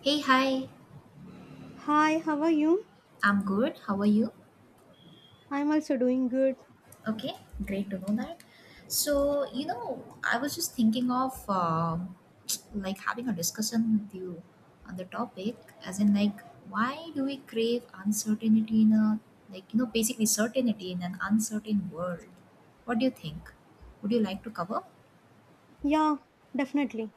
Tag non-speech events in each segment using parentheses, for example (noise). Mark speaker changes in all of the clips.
Speaker 1: Hey, hi.
Speaker 2: Hi, how are you?
Speaker 1: I'm good. How are you?
Speaker 2: I'm also doing good.
Speaker 1: Okay, great to know that. So, you know, I was just thinking of like having a discussion with you on the topic, as in like why do we crave uncertainty in a like you know basically certainty in an uncertain world? What do you think? Would you like to cover?
Speaker 2: Yeah, definitely.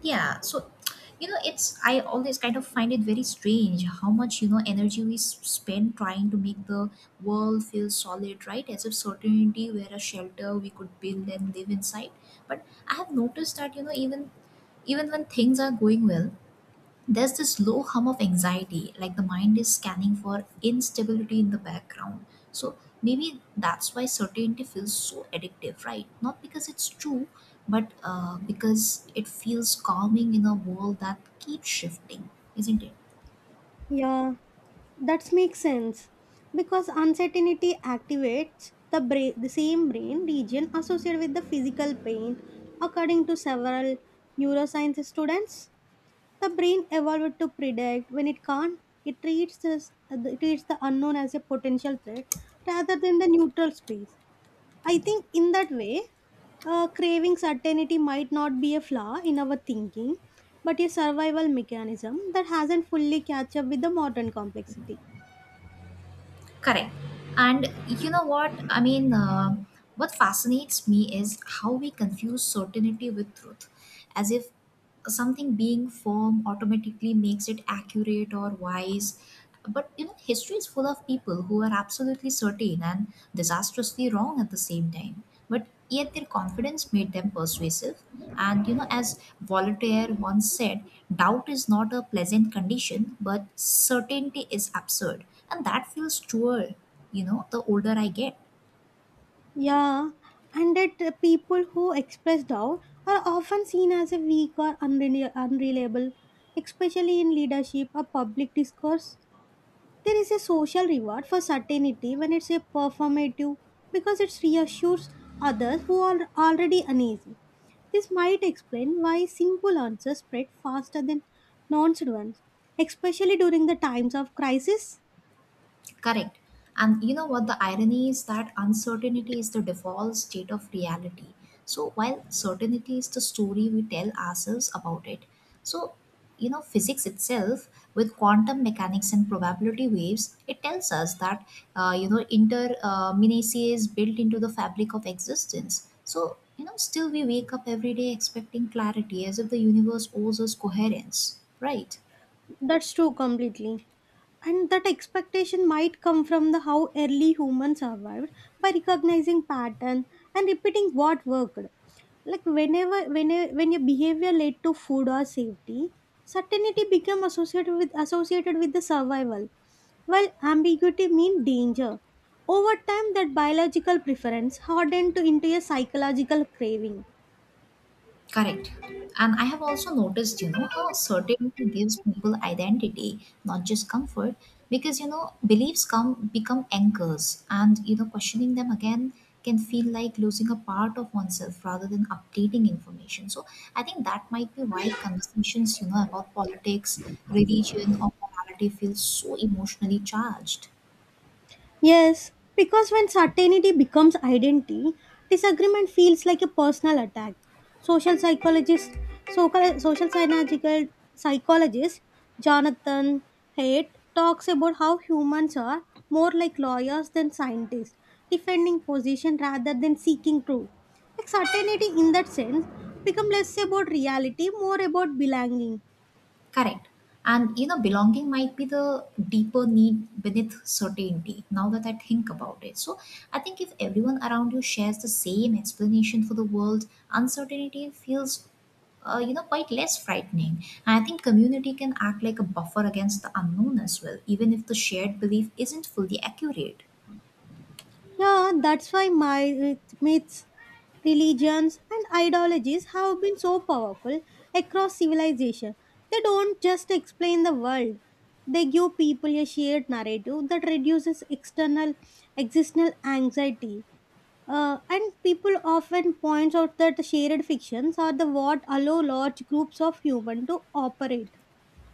Speaker 1: Yeah, so you know, it's I always kind of find it very strange how much you know energy we spend trying to make the world feel solid, right? As if certainty were a shelter we could build and live inside. But I have noticed that you know, even when things are going well, there's this low hum of anxiety, like the mind is scanning for instability in the background. So maybe that's why certainty feels so addictive, right? Not because it's true, but because it feels calming in a world that keeps shifting, isn't it?
Speaker 2: Yeah, that makes sense. Because uncertainty activates the brain, the same brain region associated with the physical pain. According to several neuroscience students, the brain evolved to predict when it can't. It treats the unknown as a potential threat rather than the neutral space. I think in that way, craving certainty might not be a flaw in our thinking, but a survival mechanism that hasn't fully catch up with the modern complexity.
Speaker 1: Correct. And you know what? I mean, what fascinates me is how we confuse certainty with truth, as if something being firm automatically makes it accurate or wise. But you know, history is full of people who are absolutely certain and disastrously wrong at the same time. But yet their confidence made them persuasive. And you know, as Voltaire once said, doubt is not a pleasant condition, but certainty is absurd. And that feels truer, you know, the older I get.
Speaker 2: Yeah, and that people who express doubt are often seen as a weak or unreliable, especially in leadership or public discourse. There is a social reward for certainty when it's a performative because it reassures others who are already uneasy. This might explain why simple answers spread faster than nonsense ones, especially during the times of crisis.
Speaker 1: Correct. And you know what the irony is that uncertainty is the default state of reality. So while certainty is the story we tell ourselves about it. So you know physics itself with quantum mechanics and probability waves it tells us that you know inter minutiae is built into the fabric of existence, so you know still we wake up every day expecting clarity as if the universe owes us coherence, right?
Speaker 2: That's true completely. And that expectation might come from the how early humans survived by recognizing pattern and repeating what worked like when your behavior led to food or safety, certainty became associated with the survival, while ambiguity means danger. Over time, that biological preference hardened to into a psychological craving.
Speaker 1: Correct. And I have also noticed, you know, how certainty gives people identity, not just comfort, because, you know, beliefs come become anchors and, you know, questioning them again can feel like losing a part of oneself rather than updating information. So I think that might be why conversations, you know, about politics, religion, or morality feel so emotionally charged.
Speaker 2: Yes, because when certainty becomes identity, disagreement feels like a personal attack. Social psychologist, so social psychological psychologist Jonathan Haidt talks about how humans are more like lawyers than scientists, defending position rather than seeking truth. Like certainty, in that sense, become less about reality, more about belonging.
Speaker 1: Correct. And you know, belonging might be the deeper need beneath certainty now that I think about it. So I think if everyone around you shares the same explanation for the world, uncertainty feels, you know, quite less frightening. And I think community can act like a buffer against the unknown as well, even if the shared belief isn't fully accurate.
Speaker 2: Yeah, that's why my myths, religions, and ideologies have been so powerful across civilization. They don't just explain the world; they give people a shared narrative that reduces external existential anxiety. And people often point out that shared fictions are the what allow large groups of humans to operate.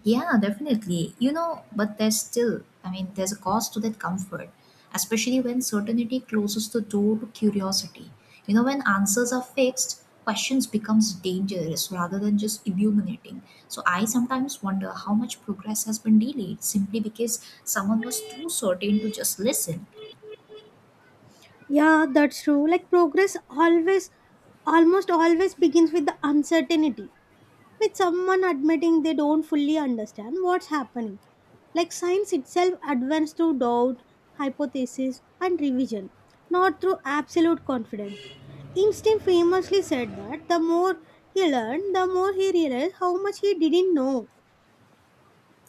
Speaker 1: Yeah, definitely. You know, but there's still, I mean, there's a cost to that comfort, especially when certainty closes the door to curiosity. You know, when answers are fixed, questions becomes dangerous rather than just illuminating. So I sometimes wonder how much progress has been delayed simply because someone was too certain to just listen.
Speaker 2: Yeah, that's true. Like progress always, almost always begins with the uncertainty, with someone admitting they don't fully understand what's happening. Like science itself advances through doubt, hypothesis, and revision, not through absolute confidence. Einstein famously said that the more he learned, the more he realized how much he didn't know.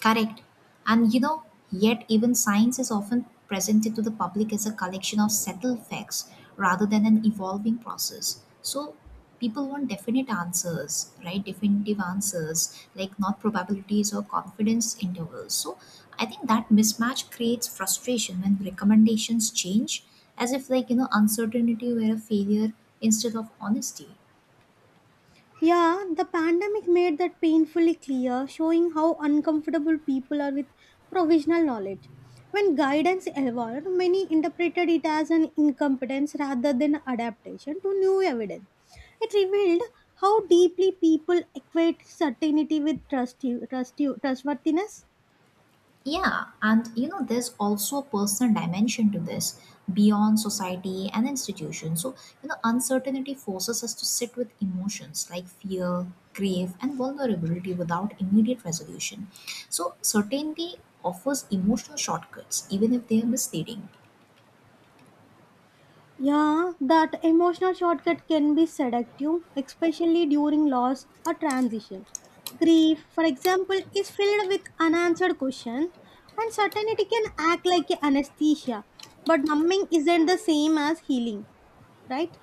Speaker 1: Correct. And you know, yet even science is often presented to the public as a collection of settled facts rather than an evolving process. So people want definite answers, right? Definitive answers, like not probabilities or confidence intervals. So I think that mismatch creates frustration when recommendations change as if like you know uncertainty were a failure instead of honesty.
Speaker 2: Yeah, the pandemic made that painfully clear, showing how uncomfortable people are with provisional knowledge. When guidance evolved, many interpreted it as an incompetence rather than adaptation to new evidence. It revealed how deeply people equate certainty with trust, trustworthiness.
Speaker 1: Yeah, and you know, there's also a personal dimension to this beyond society and institutions. So, you know, uncertainty forces us to sit with emotions like fear, grief, and vulnerability without immediate resolution. So, certainty offers emotional shortcuts, even if they are misleading.
Speaker 2: Yeah, that emotional shortcut can be seductive, especially during loss or transition. Grief, for example, is filled with unanswered questions, and certainty can act like a anesthesia. But numbing isn't the same as healing, right?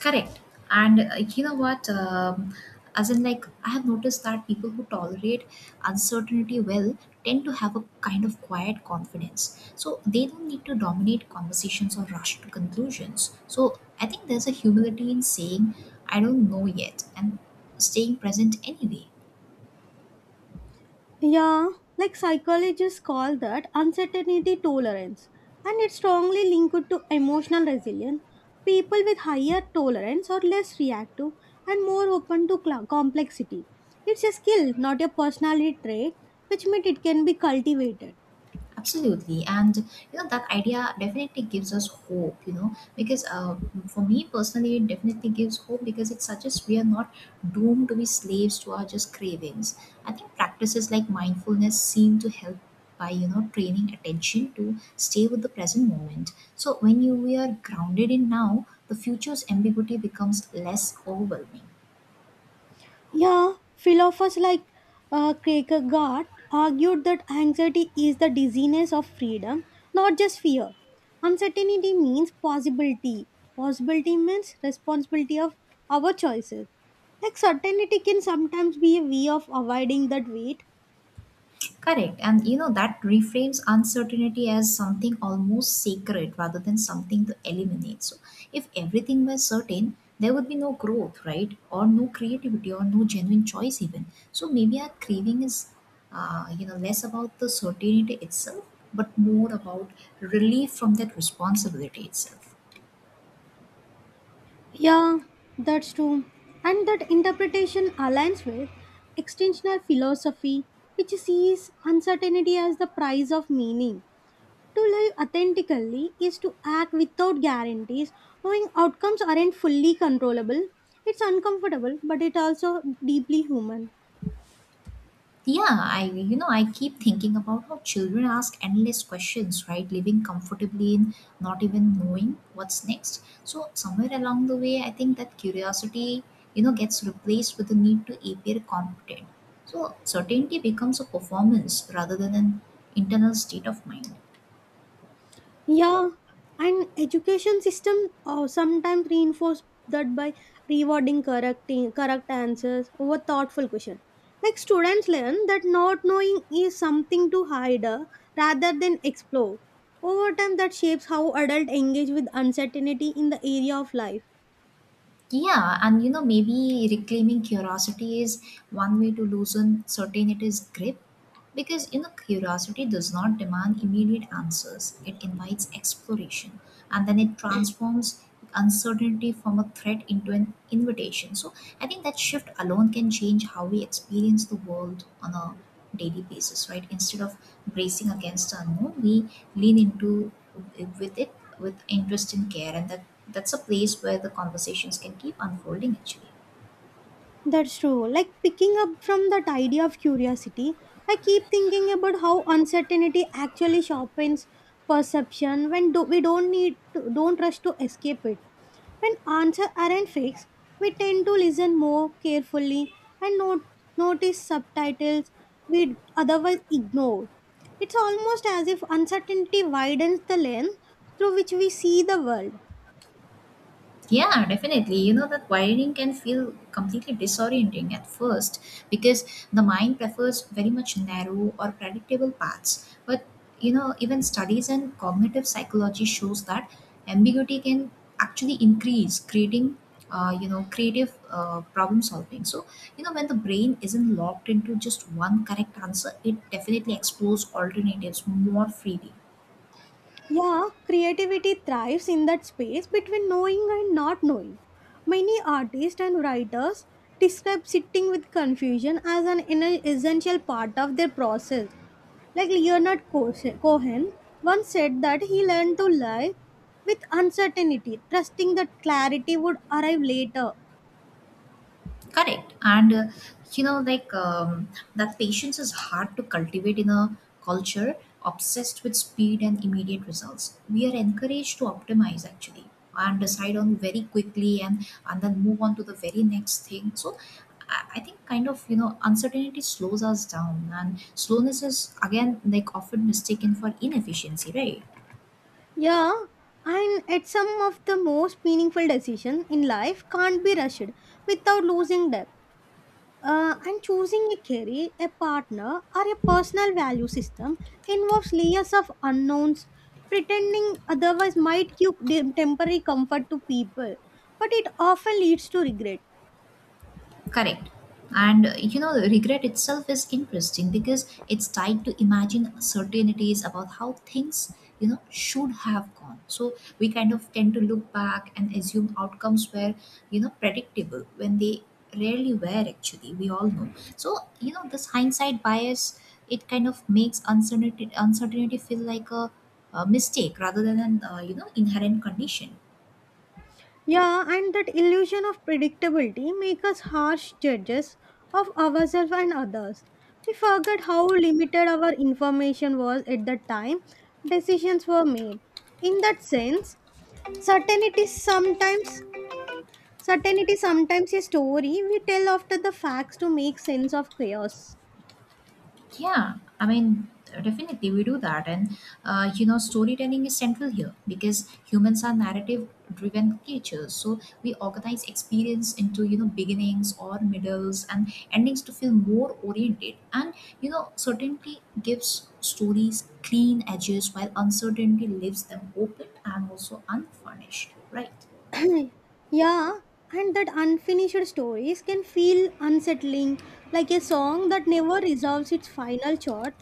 Speaker 1: Correct. And you know what? As in, like, I have noticed that people who tolerate uncertainty well tend to have a kind of quiet confidence. So they don't need to dominate conversations or rush to conclusions. So I think there's a humility in saying, I don't know yet, and staying present anyway.
Speaker 2: Yeah, like psychologists call that uncertainty tolerance, and it's strongly linked to emotional resilience. People with higher tolerance are less reactive and more open to complexity. It's a skill, not a personality trait, which means it can be cultivated.
Speaker 1: Absolutely, and you know that idea definitely gives us hope, you know, because for me personally it definitely gives hope because it suggests we are not doomed to be slaves to our just cravings. I think practices like mindfulness seem to help by you know training attention to stay with the present moment, so when you we are grounded in now the future's ambiguity becomes less overwhelming.
Speaker 2: Yeah, philosophers like Kierkegaard argued that anxiety is the dizziness of freedom, not just fear. Uncertainty means possibility. Possibility means responsibility of our choices. Like certainty can sometimes be a way of avoiding that weight.
Speaker 1: Correct. And you know, that reframes uncertainty as something almost sacred rather than something to eliminate. So, if everything were certain, there would be no growth, right? Or no creativity or no genuine choice, even. So, maybe our craving is, you know, less about the certainty itself, but more about relief from that responsibility itself.
Speaker 2: Yeah, that's true. And that interpretation aligns with extensional philosophy, which sees uncertainty as the price of meaning. To live authentically is to act without guarantees, knowing outcomes aren't fully controllable. It's uncomfortable, but it also deeply human.
Speaker 1: Yeah, I you know I keep thinking about how children ask endless questions, right? Living comfortably in not even knowing what's next. So somewhere along the way, I think that curiosity, you know, gets replaced with the need to appear competent. So certainty becomes a performance rather than an internal state of mind.
Speaker 2: Yeah, and education system sometimes reinforce that by rewarding correcting correct answers over thoughtful question. Like students learn that not knowing is something to hide, rather than explore. Over time, that shapes how adults engage with uncertainty in the area of life.
Speaker 1: Yeah, and you know maybe reclaiming curiosity is one way to loosen certainty's grip, because you know, curiosity does not demand immediate answers. It invites exploration, and then it transforms uncertainty from a threat into an invitation. So I think that shift alone can change how we experience the world on a daily basis, right? Instead of bracing against the unknown, we lean into with it with interest and care, and that's a place where the conversations can keep unfolding actually.
Speaker 2: That's true. Like picking up from that idea of curiosity, I keep thinking about how uncertainty actually sharpens perception when we don't rush to escape it. When answers aren't fixed, we tend to listen more carefully and notice subtitles we'd otherwise ignore. It's almost as if uncertainty widens the lens through which we see the world.
Speaker 1: Yeah, definitely. You know that wiring can feel completely disorienting at first because the mind prefers very much narrow or predictable paths. But you know, even studies and cognitive psychology shows that ambiguity can actually increase, creating you know creative problem solving. So you know when the brain isn't locked into just one correct answer, it definitely explores alternatives more freely.
Speaker 2: Yeah, creativity thrives in that space between knowing and not knowing. Many artists and writers describe sitting with confusion as an essential part of their process. Like Leonard Cohen once said that he learned to live with uncertainty, trusting that clarity would arrive later.
Speaker 1: Correct. And you know, like that patience is hard to cultivate in a culture obsessed with speed and immediate results. We are encouraged to optimize actually and decide on very quickly and then move on to the very next thing. So I think kind of you know uncertainty slows us down, and slowness is again like often mistaken for inefficiency, right?
Speaker 2: Yeah, and at some of the most meaningful decisions in life can't be rushed without losing depth. And choosing a career, a partner, or a personal value system involves layers of unknowns. Pretending otherwise might give temporary comfort to people, but it often leads to regret.
Speaker 1: Correct. And you know, regret itself is interesting because it's tied to imagine certainties about how things, you know, should have gone. So we kind of tend to look back and assume outcomes were, you know, predictable when they rarely were actually, we all know. So, you know, this hindsight bias, it kind of makes uncertainty feel like a mistake rather than an, you know, inherent condition.
Speaker 2: Yeah, and that illusion of predictability makes us harsh judges of ourselves and others. We forget how limited our information was at the time decisions were made. In that sense, certainty sometimes Certainty is sometimes a story we tell after the facts to make sense of chaos.
Speaker 1: Yeah, I mean, definitely we do that. And, you know, storytelling is central here because humans are narrative driven creatures. So we organize experience into, you know, beginnings or middles and endings to feel more oriented. And, you know, certainty gives stories clean edges while uncertainty leaves them open and also unfurnished, right?
Speaker 2: (clears throat) Yeah, and that unfinished stories can feel unsettling, like a song that never resolves its final chord.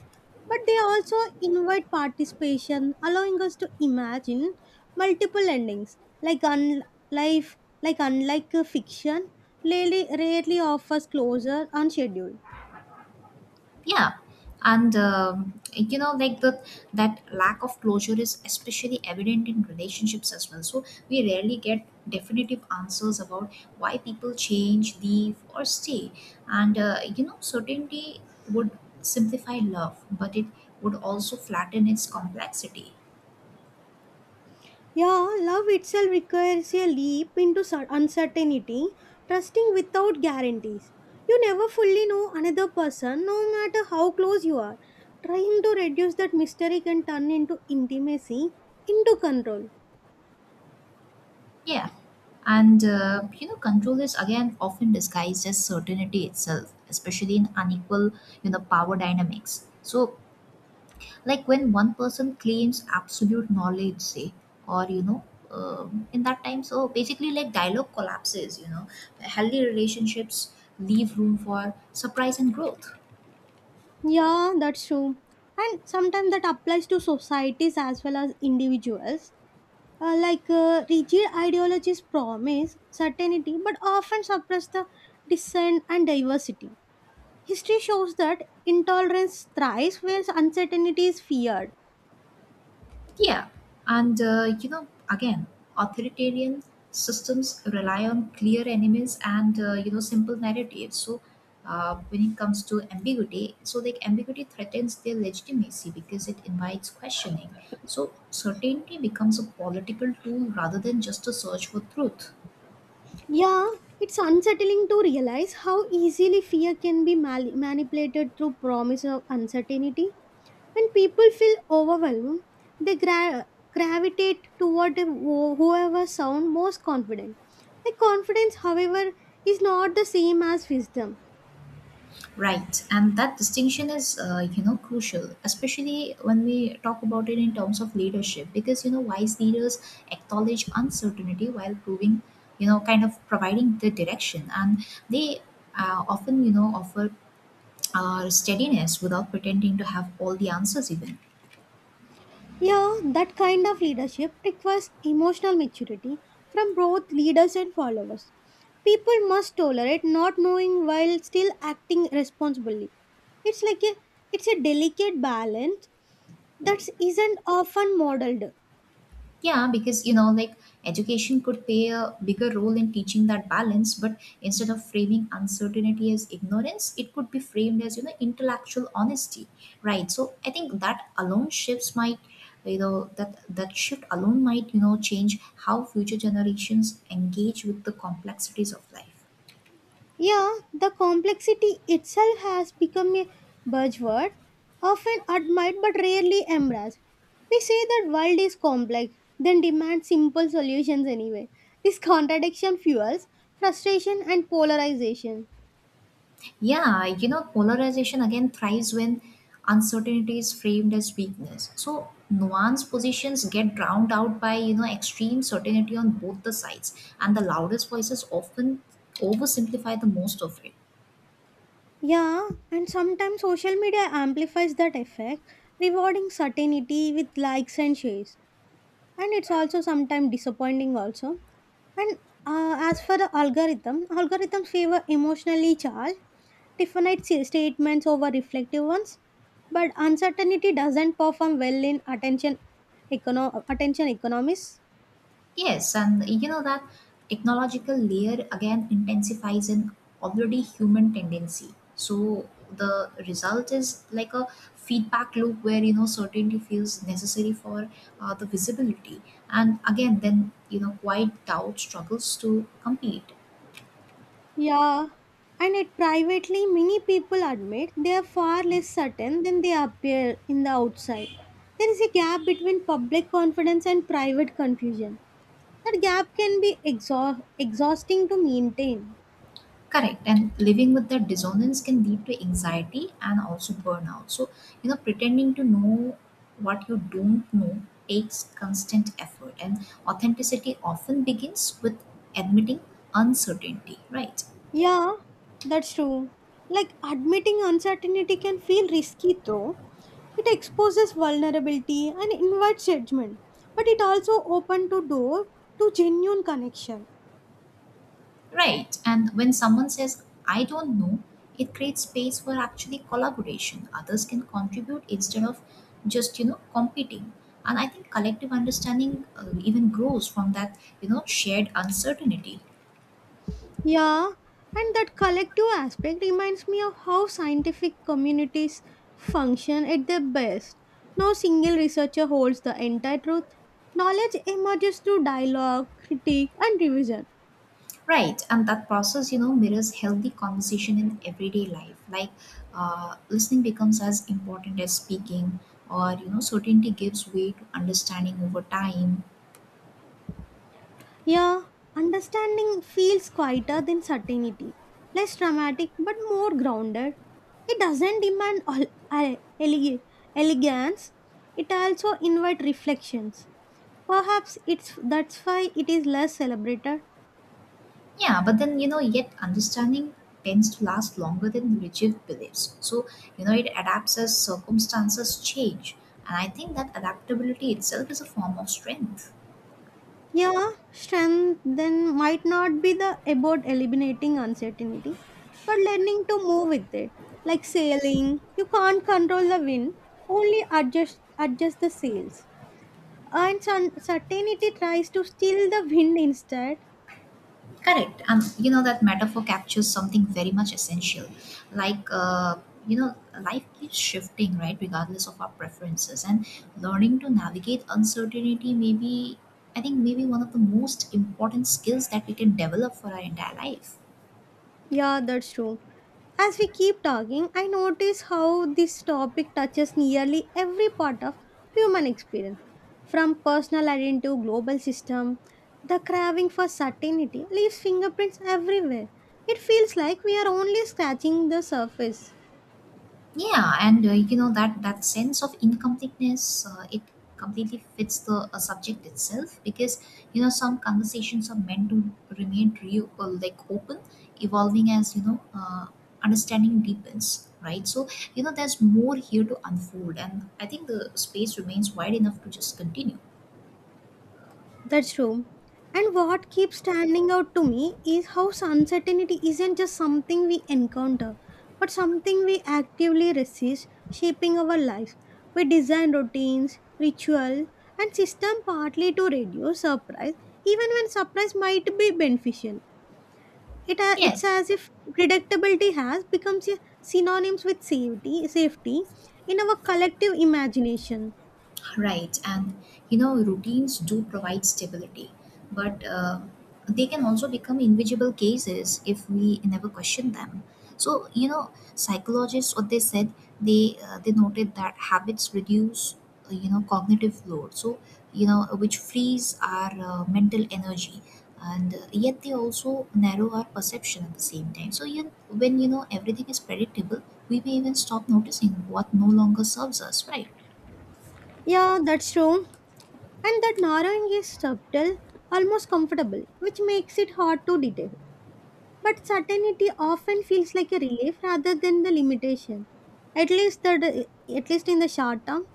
Speaker 2: But they also invite participation, allowing us to imagine multiple endings, like life, unlike a fiction, rarely offers closure on schedule.
Speaker 1: Yeah, and you know like the that lack of closure is especially evident in relationships as well, so we rarely get definitive answers about why people change, leave or stay, and you know certainty would simplify love but it would also flatten its complexity.
Speaker 2: Yeah, love itself requires a leap into uncertainty, trusting without guarantees. You never fully know another person, no matter how close you are. Trying to reduce that mystery can turn into intimacy, into control.
Speaker 1: Yeah, and you know control is again often disguised as certainty itself especially in unequal you know power dynamics, so like when one person claims absolute knowledge, say, or you know in that time so basically like dialogue collapses, you know healthy relationships leave room for surprise and growth.
Speaker 2: Yeah, that's true. And sometimes that applies to societies as well as individuals. Like rigid ideologies promise certainty but often suppress the dissent and diversity. History shows that intolerance thrives where uncertainty is feared.
Speaker 1: Yeah, and you know, again, authoritarian systems rely on clear enemies and you know simple narratives. So, when it comes to ambiguity, so like ambiguity threatens their legitimacy because it invites questioning. So, certainty becomes a political tool rather than just a search for truth.
Speaker 2: Yeah, it's unsettling to realize how easily fear can be manipulated through promise of uncertainty. When people feel overwhelmed, they gravitate toward whoever sound most confident. The confidence, however, is not the same as wisdom.
Speaker 1: Right, and that distinction is, you know, crucial, especially when we talk about it in terms of leadership, because you know, wise leaders acknowledge uncertainty while proving, you know, kind of providing the direction, and they often, you know, offer steadiness without pretending to have all the answers, even.
Speaker 2: Yeah, that kind of leadership requires emotional maturity from both leaders and followers. People must tolerate not knowing while still acting responsibly. It's like a it's a delicate balance that isn't often modeled.
Speaker 1: Yeah, because you know, like education could play a bigger role in teaching that balance, but instead of framing uncertainty as ignorance, it could be framed as you know intellectual honesty, right? So I think that shift alone might you know change how future generations engage with the complexities of life.
Speaker 2: Yeah, the complexity itself has become a buzzword, often admired but rarely embraced. We say that world is complex, then demand simple solutions anyway. This contradiction fuels frustration and polarization.
Speaker 1: Yeah, you know, polarization again thrives when uncertainty is framed as weakness. So nuanced positions get drowned out by, you know, extreme certainty on both the sides, and the loudest voices often oversimplify the most of it.
Speaker 2: Yeah, and sometimes social media amplifies that effect, rewarding certainty with likes and shares. And it's also sometimes disappointing also. And as for the algorithms favor emotionally charged, statements over reflective ones. But uncertainty doesn't perform well in attention economics.
Speaker 1: Yes, and you know that technological layer again intensifies an already human tendency. So the result is like a feedback loop where you know certainty feels necessary for the visibility, and again then you know quiet doubt struggles to compete.
Speaker 2: Yeah, and it privately, many people admit they are far less certain than they appear in the outside. There is a gap between public confidence and private confusion. That gap can be exhausting to maintain.
Speaker 1: Correct. And living with that dissonance can lead to anxiety and also burnout. So, pretending to know what you don't know takes constant effort. And authenticity often begins with admitting uncertainty, right?
Speaker 2: Yeah, that's true. Like admitting uncertainty can feel risky though. It exposes vulnerability and invites judgment, but it also opens the door to genuine connection.
Speaker 1: Right. And when someone says, I don't know, it creates space for actually collaboration. Others can contribute instead of just, competing. And I think collective understanding even grows from that, shared uncertainty.
Speaker 2: Yeah, and that collective aspect reminds me of how scientific communities function at their best. No single researcher holds the entire truth. Knowledge emerges through dialogue, critique, and revision.
Speaker 1: Right, and that process, mirrors healthy conversation in everyday life. Like listening becomes as important as speaking, or certainty gives way to understanding over time.
Speaker 2: Yeah, understanding feels quieter than certainty, less dramatic but more grounded. It doesn't demand all, uh, ele- elegance, it also invites reflections. Perhaps it's that's why it is less celebrated.
Speaker 1: Yeah, but then yet understanding tends to last longer than rigid beliefs. So it adapts as circumstances change, and I think that adaptability itself is a form of strength.
Speaker 2: Yeah, strength then might not be the about eliminating uncertainty, but learning to move with it. Like sailing, you can't control the wind, only adjust the sails. And certainty tries to steal the wind instead.
Speaker 1: Correct. And that metaphor captures something very much essential. Like, you know, life keeps shifting, right, regardless of our preferences. And learning to navigate uncertainty may be, I think, maybe one of the most important skills that we can develop for our entire life.
Speaker 2: Yeah, that's true. As we keep talking, I notice how this topic touches nearly every part of human experience, from personal identity to global system. The craving for certainty leaves fingerprints everywhere. It feels like we are only scratching the surface.
Speaker 1: Yeah, and that sense of incompleteness, it completely fits the subject itself because some conversations are meant to remain real, like open, evolving as understanding deepens, right? So there's more here to unfold, and I think the space remains wide enough to just continue.
Speaker 2: That's true. And what keeps standing out to me is how uncertainty isn't just something we encounter, but something we actively resist, shaping our life. We design routines, rituals, and system partly to reduce surprise, even when surprise might be beneficial. It, a-
Speaker 1: Yeah.
Speaker 2: it's as if predictability has become synonyms with safety in our collective imagination.
Speaker 1: Right, and routines do provide stability, but they can also become invisible cases if we never question them. So, psychologists, what they said, they noted that habits reduce, cognitive load. So, which frees our mental energy, and yet they also narrow our perception at the same time. So, you when you know everything is predictable, we may even stop noticing what no longer serves us, right?
Speaker 2: Yeah, that's true. And that narrowing is subtle, almost comfortable, which makes it hard to detail. But certainty often feels like a relief rather than the limitation. At least in the short term.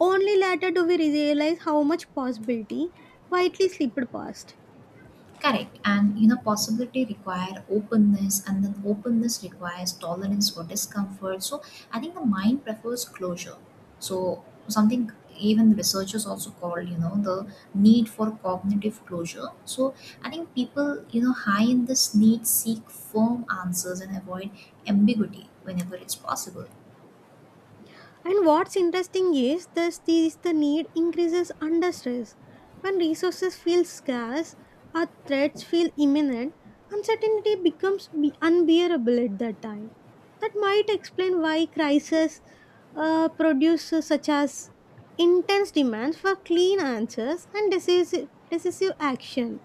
Speaker 2: Only later do we realize how much possibility quietly slipped past.
Speaker 1: Correct. And possibility require openness, and then openness requires tolerance for discomfort. So I think the mind prefers closure. So something even researchers also call the need for cognitive closure. So I think people high in this need seek firm answers and avoid ambiguity whenever it's possible.
Speaker 2: And what's interesting is this is the need increases under stress. When resources feel scarce or threats feel imminent, uncertainty becomes unbearable at that time. That might explain why crises produce such as intense demands for clean answers and decisive action.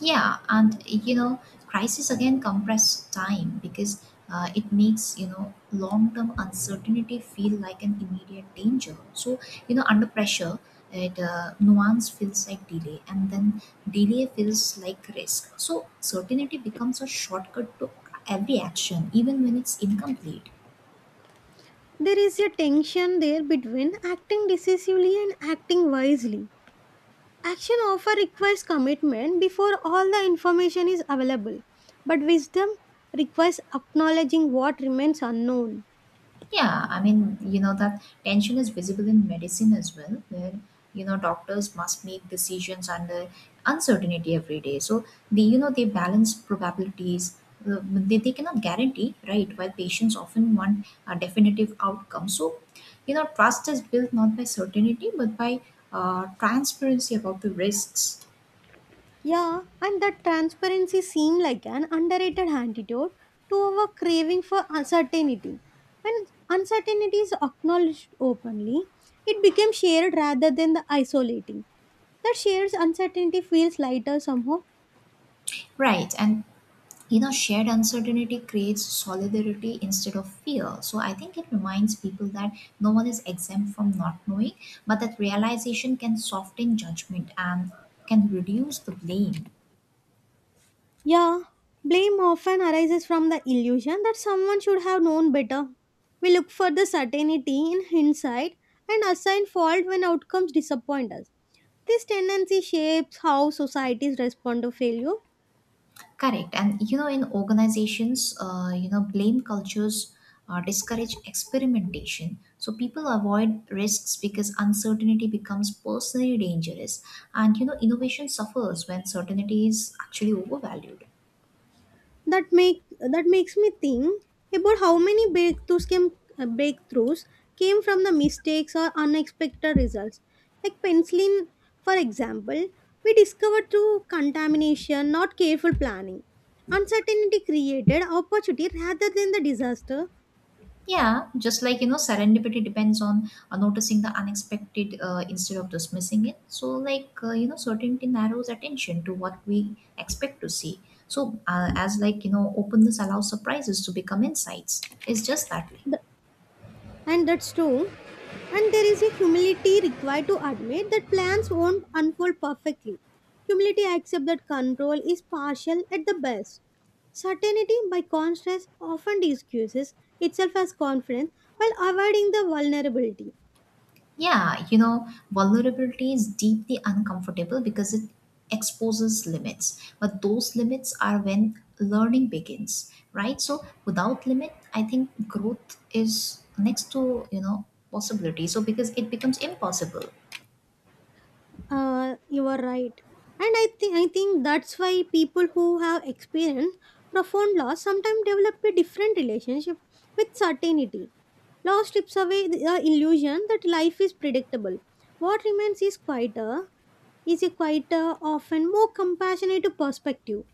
Speaker 1: Yeah, and crisis again compress time because it makes long-term uncertainty feel like an immediate danger. So under pressure, it nuance feels like delay, and then delay feels like risk. So certainty becomes a shortcut to every action, even when it's incomplete.
Speaker 2: There is a tension there between acting decisively and acting wisely. Action often requires commitment before all the information is available, but wisdom requires acknowledging what remains unknown.
Speaker 1: Yeah, that tension is visible in medicine as well, where, doctors must make decisions under uncertainty every day. So, they balance probabilities. They cannot guarantee, right? While patients often want a definitive outcome. So, trust is built not by certainty, but by transparency about the risks.
Speaker 2: Yeah, and that transparency seems like an underrated antidote to our craving for uncertainty. When uncertainty is acknowledged openly, it becomes shared rather than the isolating. That shares uncertainty feels lighter somehow.
Speaker 1: Right. And shared uncertainty creates solidarity instead of fear, so I think it reminds people that no one is exempt from not knowing, but that realization can soften judgment and can reduce the blame.
Speaker 2: Yeah, blame often arises from the illusion that someone should have known better. We look for the certainty in hindsight and assign fault when outcomes disappoint us. This tendency shapes how societies respond to failure.
Speaker 1: Correct. And in organizations, blame cultures discourage experimentation, so people avoid risks because uncertainty becomes personally dangerous, and innovation suffers when certainty is actually overvalued.
Speaker 2: That makes me think about how many breakthroughs came, breakthroughs came from the mistakes or unexpected results, like penicillin, for example. We discovered through contamination, not careful planning. Uncertainty created opportunity rather than the disaster.
Speaker 1: Yeah, just like serendipity depends on noticing the unexpected instead of dismissing it. So, certainty narrows attention to what we expect to see. So, as openness allows surprises to become insights. It's just that way.
Speaker 2: And that's true. And there is a humility required to admit that plans won't unfold perfectly. Humility accepts that control is partial at the best. Certainty, by contrast, often excuses itself as confidence while avoiding the vulnerability.
Speaker 1: Yeah, vulnerability is deeply uncomfortable because it exposes limits. But those limits are when learning begins, right? So without limit, I think growth is next to, possibility. So because it becomes impossible.
Speaker 2: You are right. And I think that's why people who have experienced profound loss sometimes develop a different relationship with certainty. Loss strips away the illusion that life is predictable. What remains is a quieter, often more compassionate perspective.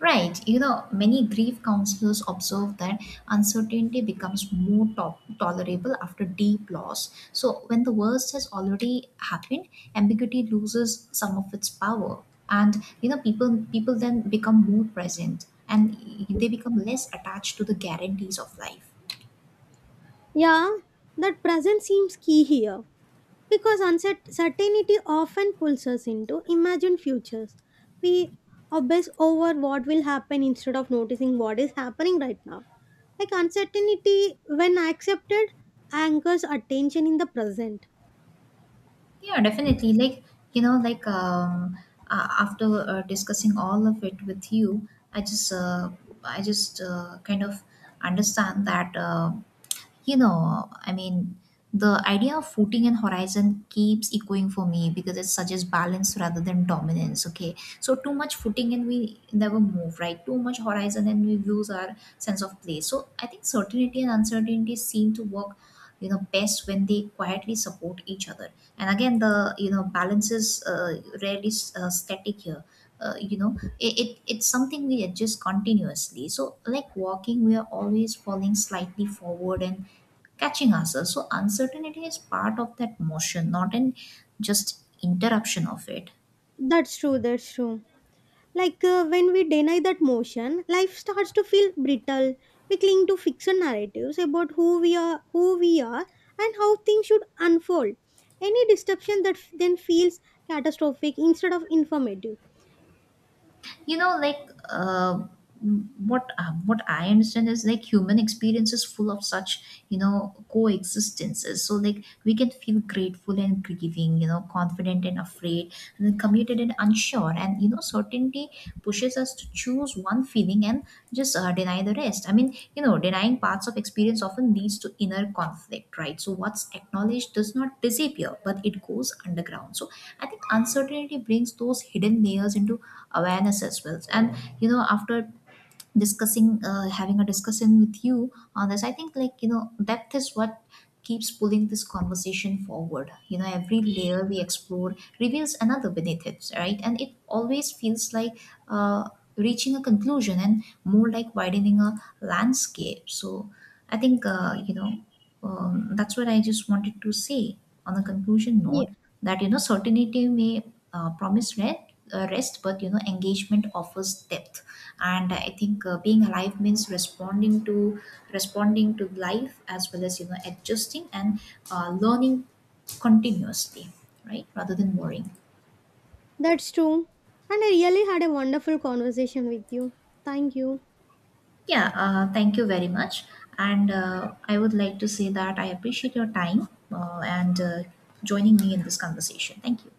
Speaker 1: Right. Many grief counselors observe that uncertainty becomes tolerable after deep loss. So, when the worst has already happened, ambiguity loses some of its power, and people then become more present, and they become less attached to the guarantees of life.
Speaker 2: Yeah, that presence seems key here. Because uncertainty often pulls us into imagined futures. We obsess over what will happen instead of noticing what is happening right now. Like uncertainty, when accepted, anchors attention in the present.
Speaker 1: Yeah, definitely. You know, like um, after discussing all of it with you, I just uh, I just kind of understand that. You know, I mean, the idea of footing and horizon keeps echoing for me because it suggests balance rather than dominance. Okay, so too much footing and we never move, right? Too much horizon and we lose our sense of place. So I think certainty and uncertainty seem to work, best when they quietly support each other. And again, the balance is rarely static here. It's something we adjust continuously, so like walking, we are always falling slightly forward and catching ourselves. So uncertainty is part of that motion, not an just interruption of it.
Speaker 2: That's true. Like when we deny that motion, life starts to feel brittle. We cling to fiction narratives about who we are, and how things should unfold. Any disruption that then feels catastrophic instead of informative.
Speaker 1: you know like uh, what I understand is like human experience is full of such coexistences, so like we can feel grateful and grieving, confident and afraid, and then committed and unsure. And certainty pushes us to choose one feeling and just deny the rest. Denying parts of experience often leads to inner conflict, right? So what's acknowledged does not disappear, but it goes underground. So I think uncertainty brings those hidden layers into awareness as well. And after discussing having a discussion with you on this, I think depth is what keeps pulling this conversation forward. Every layer we explore reveals another beneath it, right? And it always feels like uh, reaching a conclusion and more like widening a landscape. So I think, that's what I just wanted to say on a conclusion
Speaker 2: Yeah,
Speaker 1: note, that, certainty may promise rest, but, engagement offers depth. And I think being alive means responding to life as well, as, adjusting and learning continuously, right? Rather than worrying.
Speaker 2: that's true. And I really had a wonderful conversation with you. Thank you.
Speaker 1: Yeah, thank you very much. And I would like to say that I appreciate your time, and joining me in this conversation. Thank you.